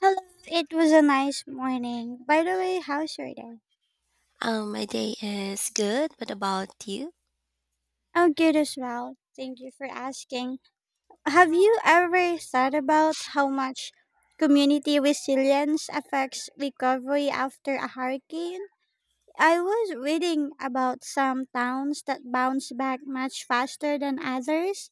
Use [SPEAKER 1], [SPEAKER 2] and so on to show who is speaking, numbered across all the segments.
[SPEAKER 1] Hello, it was a nice morning. By the way, how's your day?
[SPEAKER 2] My day is good. What about you?
[SPEAKER 1] I'm good as well. Thank you for asking. Have you ever thought about how much community resilience affects recovery after a hurricane? I was reading about some towns that bounce back much faster than others,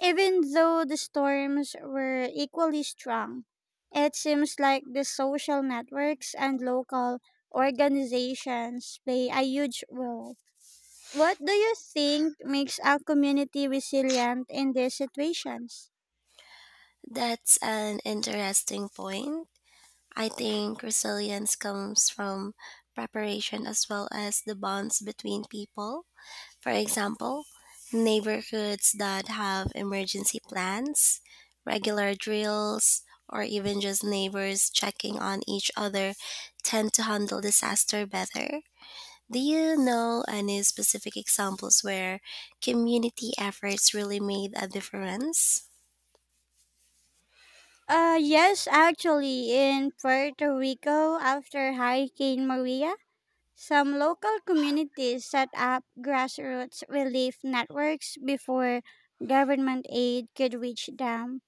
[SPEAKER 1] even though the storms were equally strong, it seems like the social networks and local organizations play a huge role. What do you think makes a community resilient in these situations?
[SPEAKER 2] That's an interesting point. I think resilience comes from preparation as well as the bonds between people. For example, neighborhoods that have emergency plans, regular drills, or even just neighbors checking on each other tend to handle disaster better. Do you know any specific examples where community efforts really made a difference?
[SPEAKER 1] Yes, actually, in Puerto Rico, after Hurricane Maria, some local communities set up grassroots relief networks before government aid could reach them.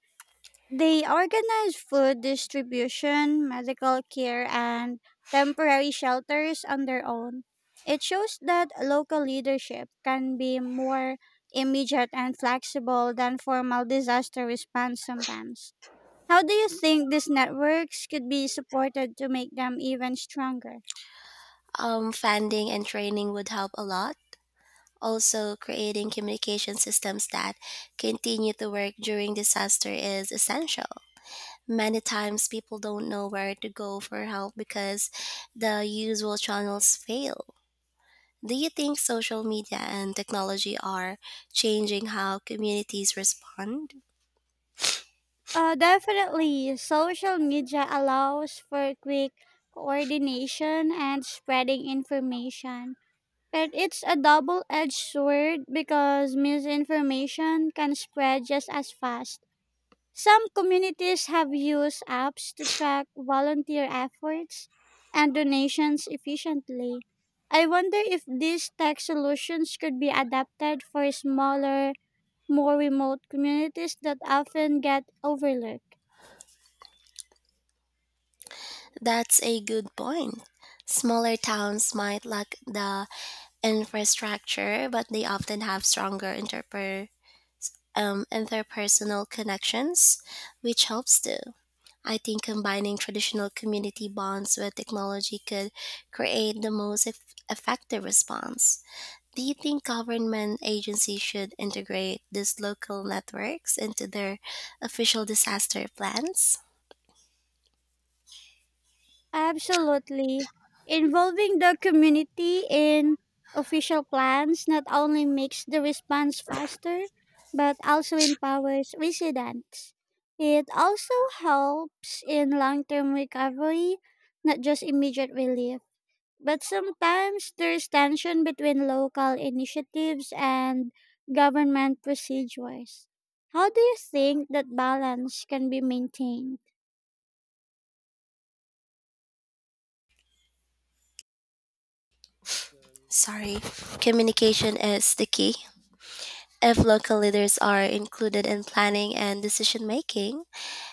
[SPEAKER 1] They organize food distribution, medical care, and temporary shelters on their own. It shows that local leadership can be more immediate and flexible than formal disaster response sometimes. How do you think these networks could be supported to make them even stronger?
[SPEAKER 2] Funding and training would help a lot. Also, creating communication systems that continue to work during disaster is essential. Many times, people don't know where to go for help because the usual channels fail. Do you think social media and technology are changing how communities respond?
[SPEAKER 1] Definitely, social media allows for quick coordination and spreading information. But it's a double edged sword because misinformation can spread just as fast. Some communities have used apps to track volunteer efforts and donations efficiently. I wonder if these tech solutions could be adapted for smaller, more remote communities that often get overlooked.
[SPEAKER 2] That's a good point. Smaller towns might lack the infrastructure, but they often have stronger interpersonal connections, which helps too. I think combining traditional community bonds with technology could create the most effective response. Do you think government agencies should integrate these local networks into their official disaster plans?
[SPEAKER 1] Absolutely. Involving the community in official plans not only makes the response faster, but also empowers residents. It also helps in long term recovery, not just immediate relief. But sometimes there's tension between local initiatives and government procedures. How do you think that balance can be maintained?
[SPEAKER 2] Sorry, communication is the key. If local leaders are included in planning and decision making,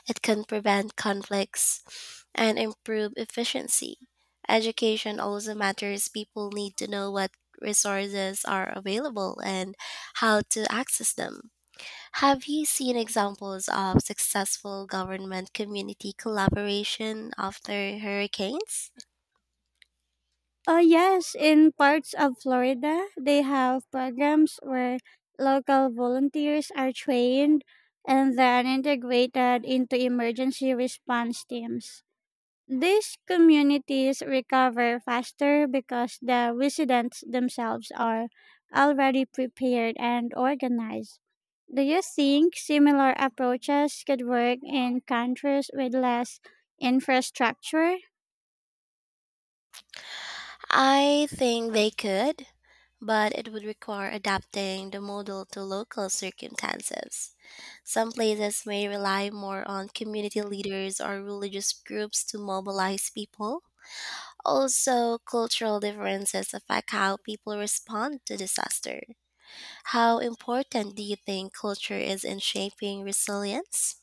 [SPEAKER 2] it can prevent conflicts and improve efficiency. Education also matters. People need to know what resources are available and how to access them. Have you seen examples of successful government community collaboration after hurricanes?
[SPEAKER 1] Yes, in parts of Florida, they have programs where local volunteers are trained and then integrated into emergency response teams. These communities recover faster because the residents themselves are already prepared and organized. Do you think similar approaches could work in countries with less infrastructure?
[SPEAKER 2] I think they could, but it would require adapting the model to local circumstances. Some places may rely more on community leaders or religious groups to mobilize people. Also, cultural differences affect how people respond to disaster. How important do you think culture is in shaping resilience?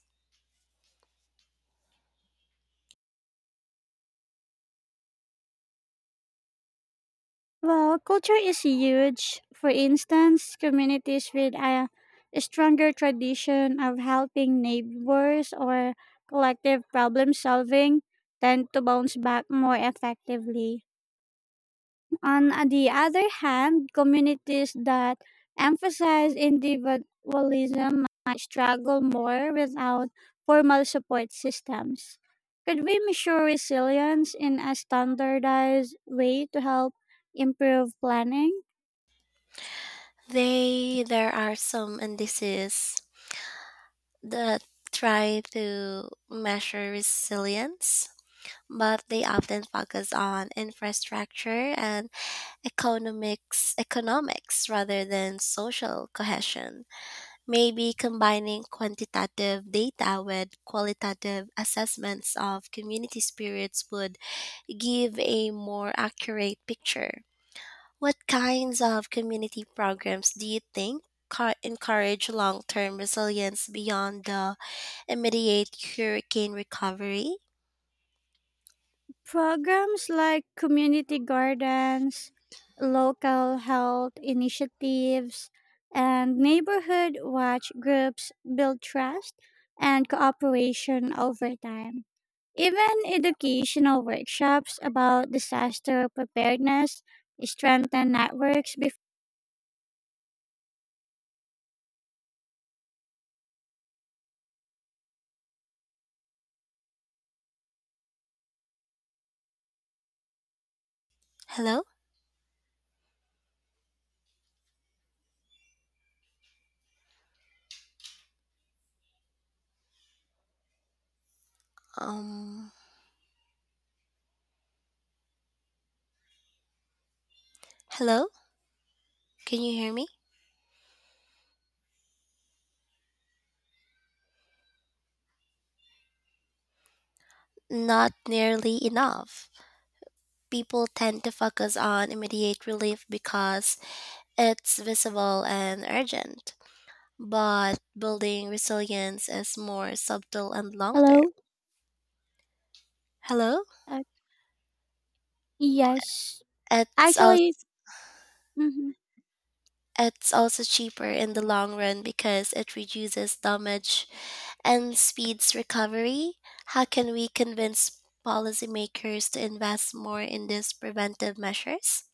[SPEAKER 1] Well, culture is huge. For instance, communities with a stronger tradition of helping neighbors or collective problem solving tend to bounce back more effectively. On the other hand, communities that emphasize individualism might struggle more without formal support systems. Could we measure resilience in a standardized way to help improve planning?
[SPEAKER 2] They There are some indices that try to measure resilience, but they often focus on infrastructure and economics rather than social cohesion. Maybe combining quantitative data with qualitative assessments of community spirits would give a more accurate picture. What kinds of community programs do you think encourage long-term resilience beyond the immediate hurricane recovery?
[SPEAKER 1] Programs like community gardens, local health initiatives, and neighborhood watch groups build trust and cooperation over time. Even educational workshops about disaster preparedness strengthen networks.
[SPEAKER 2] Hello. um Hello, can you hear me? Not nearly enough people tend to focus on immediate relief because it's visible and urgent. But building resilience is more subtle and long term.
[SPEAKER 1] Hello?
[SPEAKER 2] Hello?
[SPEAKER 1] Uh, yes.
[SPEAKER 2] It's also
[SPEAKER 1] Actually, mhm.
[SPEAKER 2] it's also cheaper in the long run because it reduces damage and speeds recovery. How can we convince policymakers to invest more in these preventive measures?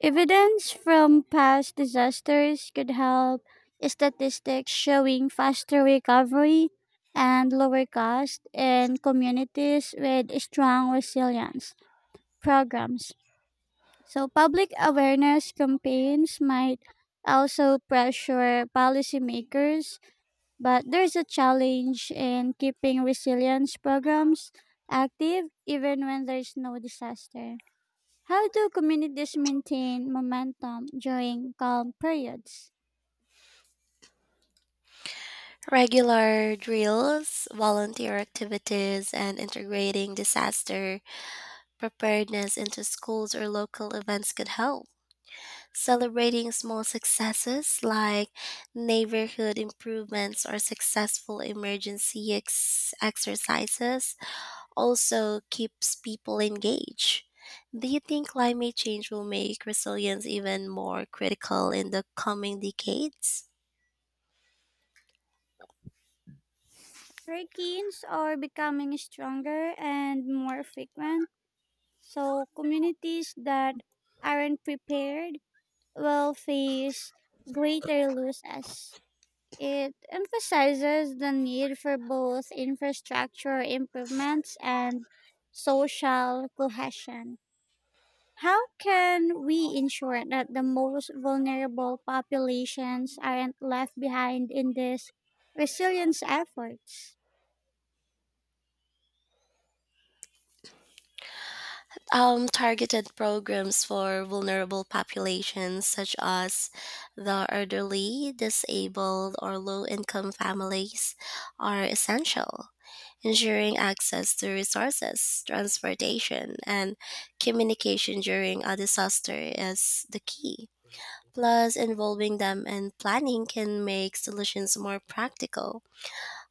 [SPEAKER 1] Evidence from past disasters could help statistics showing faster recovery and lower cost in communities with strong resilience programs. So, public awareness campaigns might also pressure policymakers, but there's a challenge in keeping resilience programs active even when there's no disaster. How do communities maintain momentum during calm periods?
[SPEAKER 2] Regular drills, volunteer activities, and integrating disaster preparedness into schools or local events could help. Celebrating small successes like neighborhood improvements or successful exercises also keeps people engaged. Do you think climate change will make resilience even more critical in the coming decades?
[SPEAKER 1] Hurricanes are becoming stronger and more frequent, so communities that aren't prepared will face greater losses. It emphasizes the need for both infrastructure improvements and social cohesion. How can we ensure that the most vulnerable populations aren't left behind in these resilience efforts?
[SPEAKER 2] Targeted programs for vulnerable populations such as the elderly, disabled, or low income families are essential. Ensuring access to resources, transportation, and communication during a disaster is the key. Plus, involving them in planning can make solutions more practical.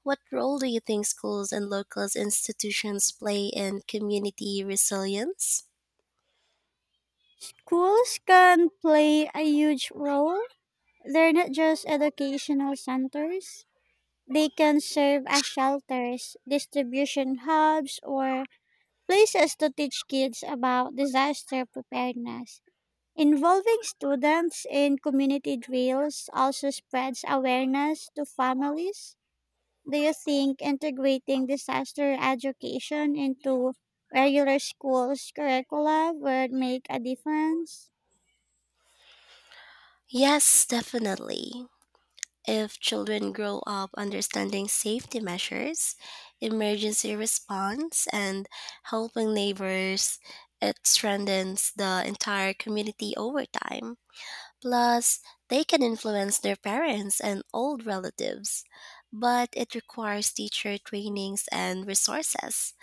[SPEAKER 2] What role do you think schools and local institutions play in community resilience?
[SPEAKER 1] Schools can play a huge role. They're not just educational centers. They can serve as shelters, distribution hubs, or places to teach kids about disaster preparedness. Involving students in community drills also spreads awareness to families. Do you think integrating disaster education into regular schools curricula would make a difference?
[SPEAKER 2] Yes, definitely. If children grow up understanding safety measures, emergency response, and helping neighbors, it strengthens the entire community over time. Plus, they can influence their parents and old relatives. But it requires teacher trainings and resources.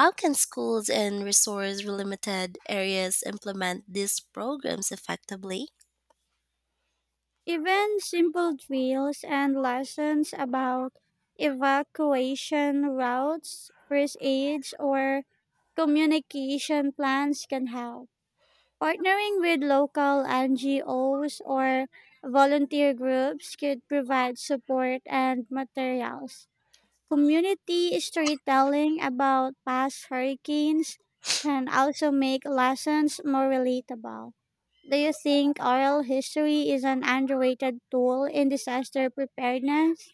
[SPEAKER 2] How can schools in resource limited areas implement these programs effectively?
[SPEAKER 1] Even simple drills and lessons about evacuation routes, first aids, or communication plans can help. Partnering with local NGOs or volunteer groups could provide support and materials. Community storytelling about past hurricanes can also make lessons more relatable. Do you think oral history is an underrated tool in disaster preparedness?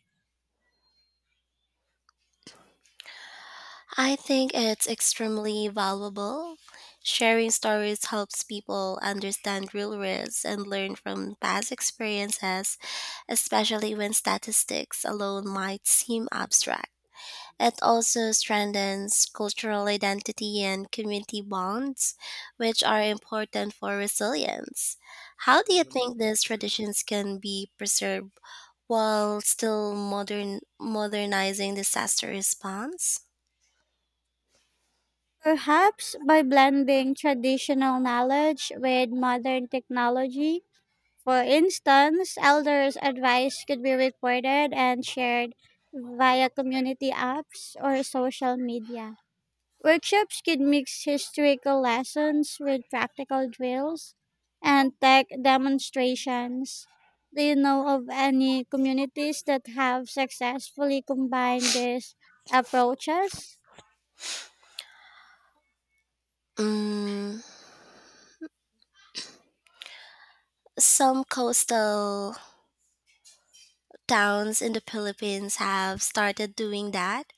[SPEAKER 2] I think it's extremely valuable. Sharing stories helps people understand real risks and learn from past experiences, especially when statistics alone might seem abstract. It also strengthens cultural identity and community bonds, which are important for resilience. How do you think these traditions can be preserved while still modernizing disaster response?
[SPEAKER 1] Perhaps by blending traditional knowledge with modern technology. For instance, elders' advice could be recorded and shared via community apps or social media. Workshops could mix historical lessons with practical drills and tech demonstrations. Do you know of any communities that have successfully combined these approaches?
[SPEAKER 2] Mm, some coastal towns in the Philippines have started doing that,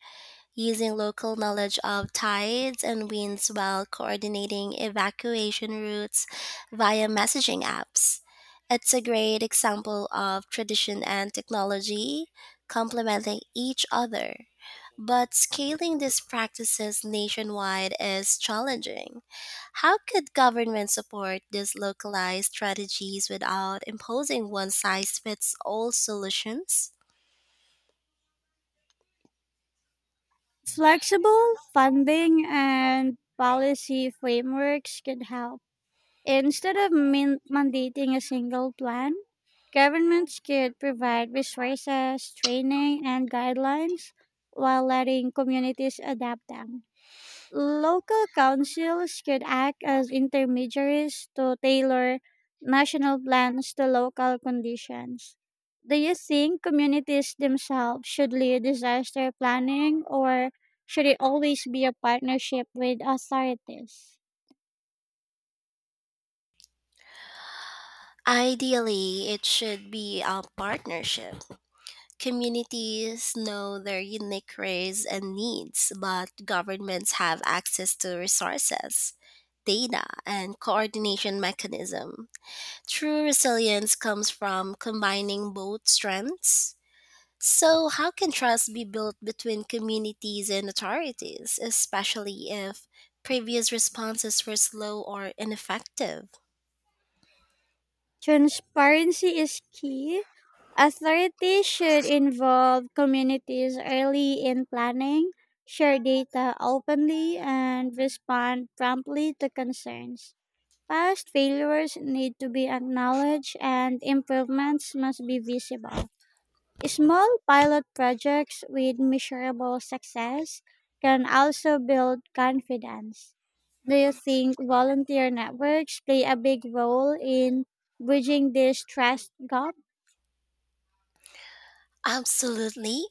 [SPEAKER 2] using local knowledge of tides and winds while coordinating evacuation routes via messaging apps. It's a great example of tradition and technology complementing each other. But scaling these practices nationwide is challenging. How could government support these localized strategies without imposing one size fits all solutions?
[SPEAKER 1] Flexible funding and policy frameworks could help. Instead of mandating a single plan, governments could provide resources, training, and guidelines while letting communities adapt them. Local councils could act as intermediaries to tailor national plans to local conditions. Do you think communities themselves should lead disaster planning or should it always be a partnership with authorities?
[SPEAKER 2] Ideally, it should be a partnership. Communities know their unique race and needs, but governments have access to resources, data, and coordination mechanism. True resilience comes from combining both strengths. So, how can trust be built between communities and authorities, especially if previous responses were slow or ineffective?
[SPEAKER 1] Transparency is key. Authorities should involve communities early in planning, share data openly, and respond promptly to concerns. Past failures need to be acknowledged and improvements must be visible. Small pilot projects with measurable success can also build confidence. Do you think volunteer networks play a big role in bridging this trust gap?
[SPEAKER 2] Absolutely.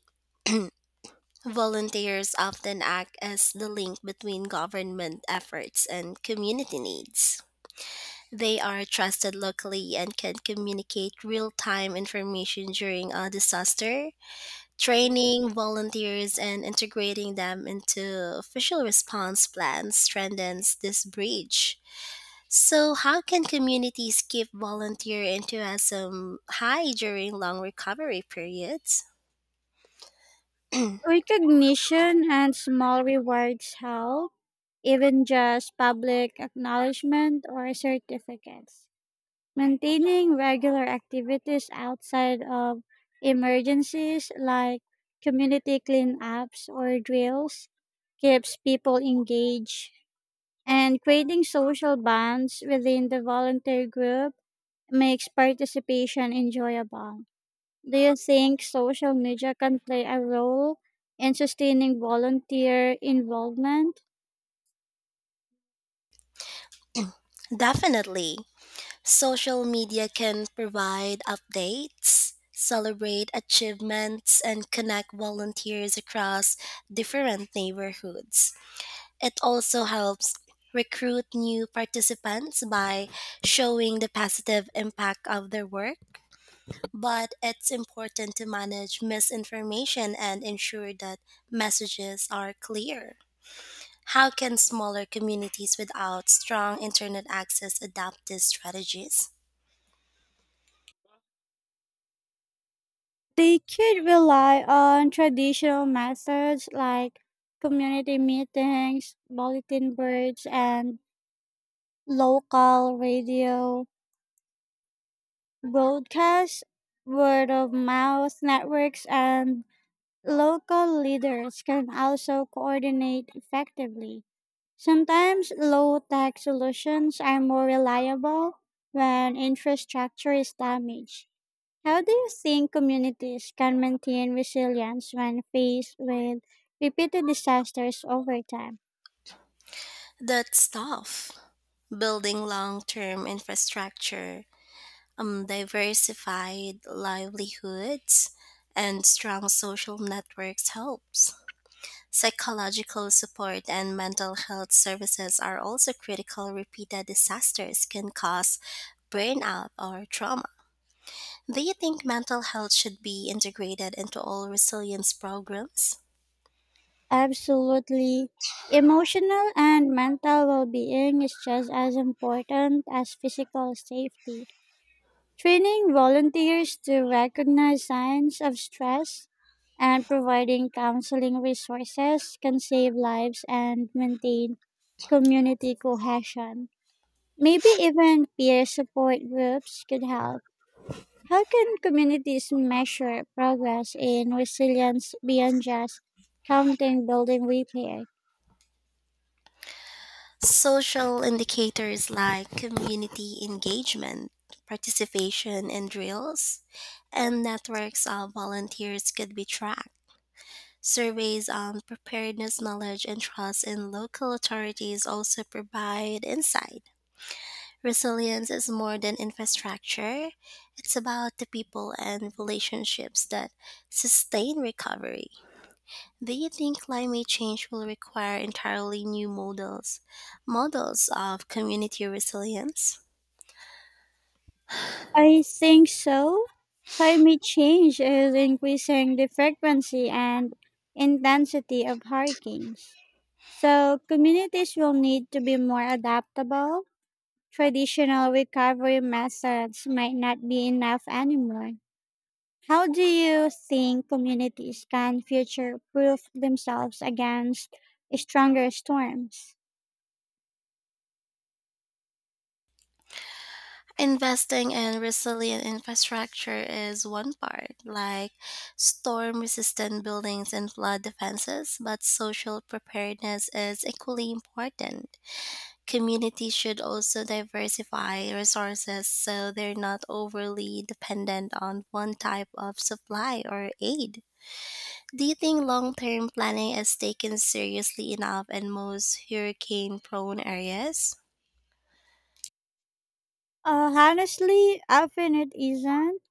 [SPEAKER 2] Volunteers often act as the link between government efforts and community needs. They are trusted locally and can communicate real time information during a disaster. Training volunteers and integrating them into official response plans strengthens this bridge. So, how can communities keep volunteer enthusiasm high during long recovery periods?
[SPEAKER 1] Recognition and small rewards help, even just public acknowledgement or certificates. Maintaining regular activities outside of emergencies like community cleanups or drills keeps people engaged, and creating social bonds within the volunteer group makes participation enjoyable. Do you think social media can play a role in sustaining volunteer involvement?
[SPEAKER 2] Definitely. Social media can provide updates, celebrate achievements, and connect volunteers across different neighborhoods. It also helps recruit new participants by showing the positive impact of their work, but it's important to manage misinformation and ensure that messages are clear. How can smaller communities without strong internet access adapt these strategies?
[SPEAKER 1] They could rely on traditional methods like community meetings, bulletin boards, and local radio broadcasts. Word of mouth networks and local leaders can also coordinate effectively. Sometimes low tech solutions are more reliable when infrastructure is damaged. How do you think communities can maintain resilience when faced with repeated disasters over time?
[SPEAKER 2] That's tough. Building long term infrastructure, diversified livelihoods, and strong social networks helps. Psychological support and mental health services are also critical. Repeated disasters can cause burnout or trauma. Do you think mental health should be integrated into all resilience programs?
[SPEAKER 1] Absolutely. Emotional and mental well being is just as important as physical safety. Training volunteers to recognize signs of stress and providing counseling resources can save lives and maintain community cohesion. Maybe even peer support groups could help. How can communities measure progress in resilience beyond just counting building repair?
[SPEAKER 2] Social indicators like community engagement, participation in drills, and networks of volunteers could be tracked. Surveys on preparedness knowledge and trust in local authorities also provide insight. Resilience is more than infrastructure, it's about the people and relationships that sustain recovery. Do you think climate change will require entirely new models of community resilience?
[SPEAKER 1] I think so. Climate change is increasing the frequency and intensity of hurricanes. So, communities will need to be more adaptable. Traditional recovery methods might not be enough anymore. How do you think communities can future proof themselves against stronger storms?
[SPEAKER 2] Investing in resilient infrastructure is one part, like storm resistant buildings and flood defenses, but social preparedness is equally important. Communities should also diversify resources so they're not overly dependent on one type of supply or aid. Do you think long term planning is taken seriously enough in most hurricane prone areas?
[SPEAKER 1] Honestly, often it isn't.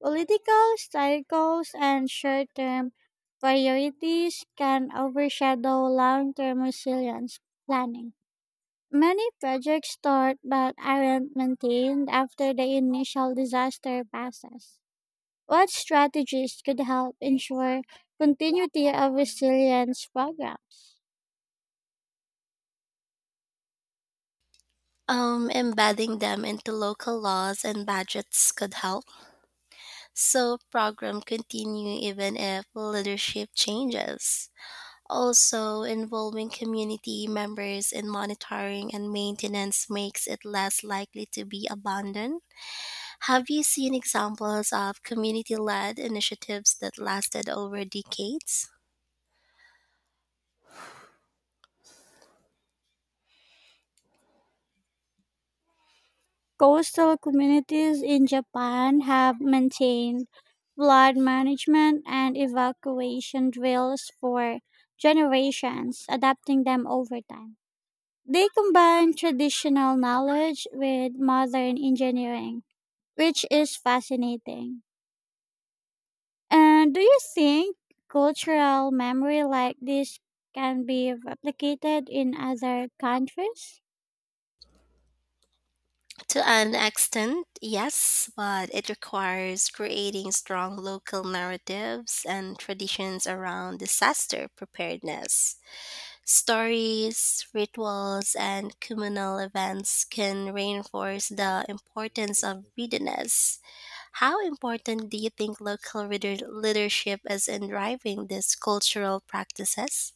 [SPEAKER 1] Political cycles and short term priorities can overshadow long term resilience planning. Many projects start but aren't maintained after the initial disaster passes. What strategies could help ensure continuity of resilience programs?
[SPEAKER 2] Embedding them into local laws and budgets could help, so program continue even if leadership changes. Also, involving community members in monitoring and maintenance makes it less likely to be abandoned. Have you seen examples of community led initiatives that lasted over decades?
[SPEAKER 1] Coastal communities in Japan have maintained flood management and evacuation drills for generations, adapting them over time. They combine traditional knowledge with modern engineering, which is fascinating. And do you think cultural memory like this can be replicated in other countries?
[SPEAKER 2] To an extent, yes, but it requires creating strong local narratives and traditions around disaster preparedness. Stories, rituals, and communal events can reinforce the importance of readiness. How important do you think local leadership is in driving these cultural practices?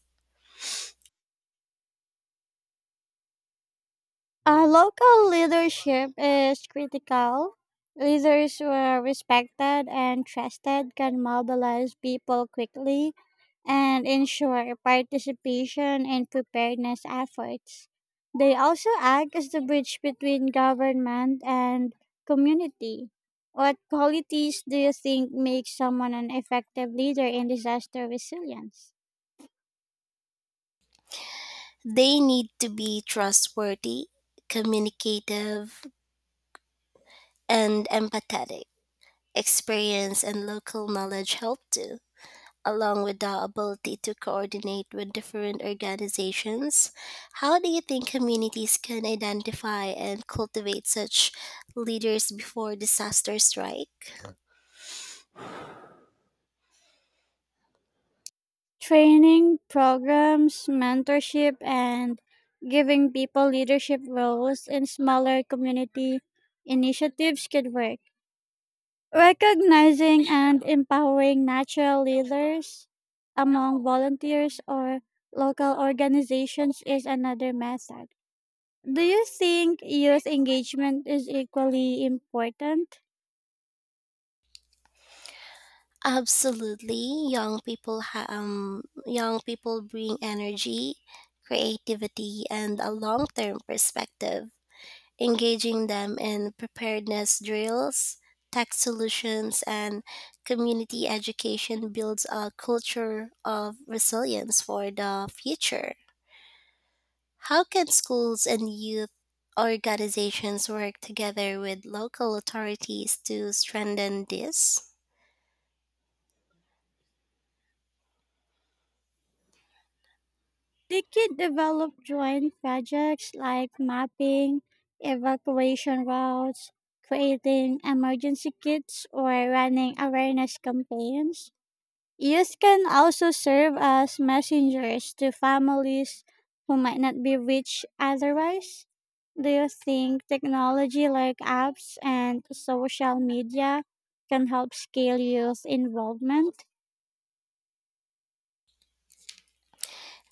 [SPEAKER 1] Local leadership is critical. Leaders who are respected and trusted can mobilize people quickly and ensure participation in preparedness efforts. They also act as the bridge between government and community. What qualities do you think make someone an effective leader in disaster resilience?
[SPEAKER 2] They need to be trustworthy, communicative, and empathetic. Experience and local knowledge help too, along with the ability to coordinate with different organizations. How do you think communities can identify and cultivate such leaders before disasters strike?
[SPEAKER 1] Training, programs, mentorship, and giving people leadership roles in smaller community initiatives could work. Recognizing and empowering natural leaders among volunteers or local organizations is another method. Do you think youth engagement is equally important?
[SPEAKER 2] Absolutely, young people bring energy, creativity, and a long-term perspective. Engaging them in preparedness drills, tech solutions, and community education builds a culture of resilience for the future. How can schools and youth organizations work together with local authorities to strengthen this?
[SPEAKER 1] They could develop joint projects like mapping, evacuation routes, creating emergency kits, or running awareness campaigns. Youth can also serve as messengers to families who might not be reached otherwise. Do you think technology like apps and social media can help scale youth involvement?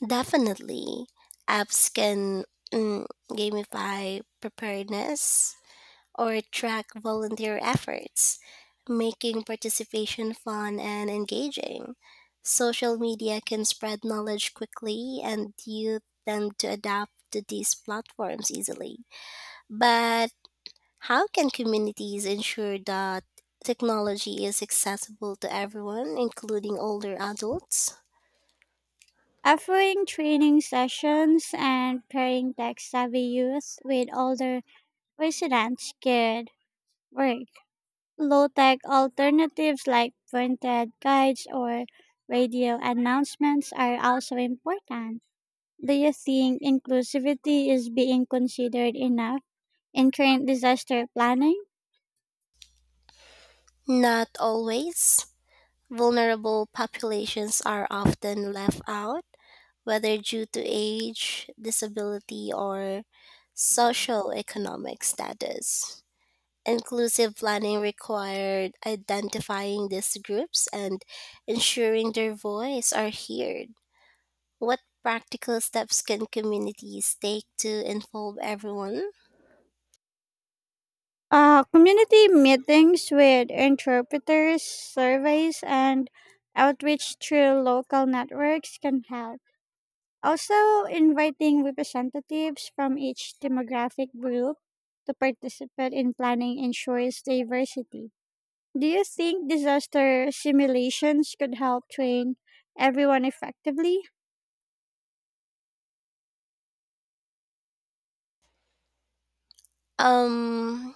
[SPEAKER 2] Definitely, apps can mm, gamify preparedness or track volunteer efforts, making participation fun and engaging. Social media can spread knowledge quickly, and youth tend to adapt to these platforms easily. But how can communities ensure that technology is accessible to everyone, including older adults?
[SPEAKER 1] Offering training sessions and pairing tech savvy youth with older residents could work. Low tech alternatives like printed guides or radio announcements are also important. Do you think inclusivity is being considered enough in current disaster planning?
[SPEAKER 2] Not always. Vulnerable populations are often left out, whether due to age, disability, or socioeconomic status. Inclusive planning required identifying these groups and ensuring their voice are heard. What practical steps can communities take to involve everyone?
[SPEAKER 1] Community meetings with interpreters, surveys, and outreach through local networks can help. Also, inviting representatives from each demographic group to participate in planning ensures diversity. Do you think disaster simulations could help train everyone effectively
[SPEAKER 2] Um,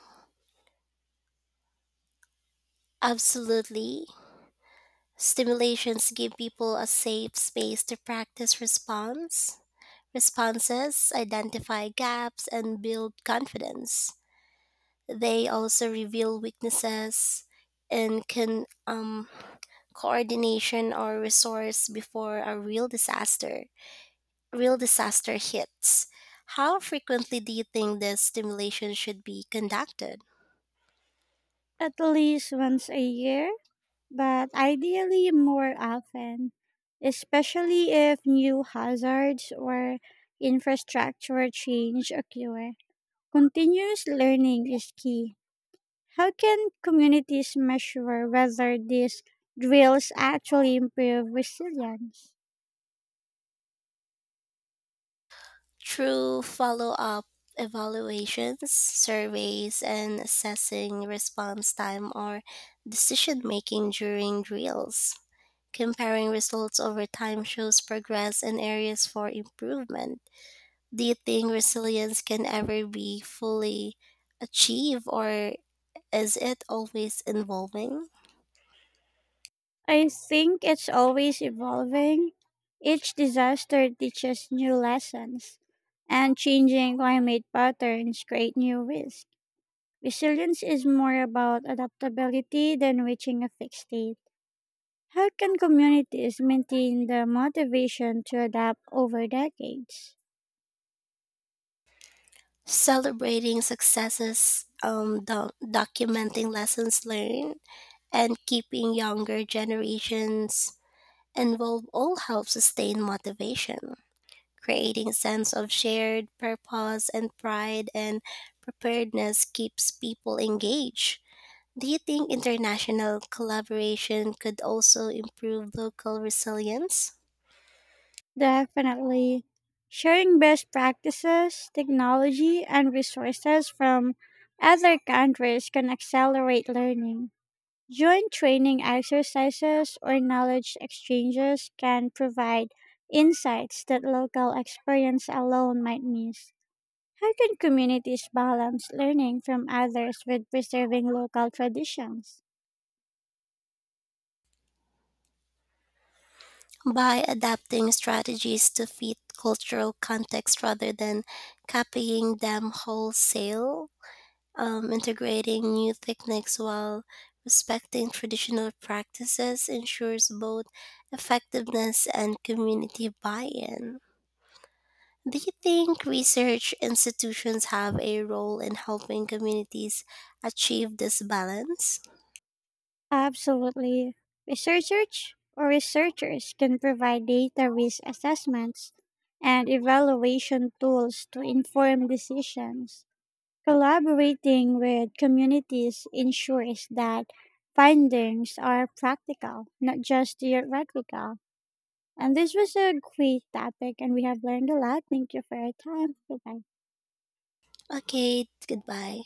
[SPEAKER 2] Absolutely. Stimulations give people a safe space to practice response. Responses identify gaps and build confidence. They also reveal weaknesses in coordination or resource before a real disaster. Real disaster hits. How frequently do you think this stimulation should be conducted?
[SPEAKER 1] at least once a year? But ideally more often, especially if new hazards or infrastructure change occur. Continuous learning is key. How can communities measure whether these drills actually improve resilience?
[SPEAKER 2] Through follow up evaluations, surveys, and assessing response time or decision making during drills. Comparing results over time shows progress and areas for improvement. Do you think resilience can ever be fully achieved, or is it always evolving?
[SPEAKER 1] I think it's always evolving. Each disaster teaches new lessons, and changing climate patterns create new risks. Resilience is more about adaptability than reaching a fixed state. How can communities maintain the motivation to adapt over decades?
[SPEAKER 2] Celebrating successes, documenting lessons learned, and keeping younger generations involved all help sustain motivation. Creating a sense of shared purpose and pride and preparedness keeps people engaged. Do you think international collaboration could also improve local resilience
[SPEAKER 1] Definitely. Sharing best practices, technology, and resources from other countries can accelerate learning. Joint training exercises or knowledge exchanges can provide insights that local experience alone might miss. How can communities balance learning from others with preserving local traditions?
[SPEAKER 2] by adapting strategies to fit cultural context rather than copying them wholesale? Integrating new techniques while respecting traditional practices ensures both effectiveness and community buy-in. Do you think research institutions have a role in helping communities achieve this balance?
[SPEAKER 1] Absolutely. Researchers can provide data risk assessments and evaluation tools to inform decisions. Collaborating with communities ensures that findings are practical, not just theoretical. And this was a great topic, and we have learned a lot. Thank you for your time. Goodbye.
[SPEAKER 2] Okay, goodbye.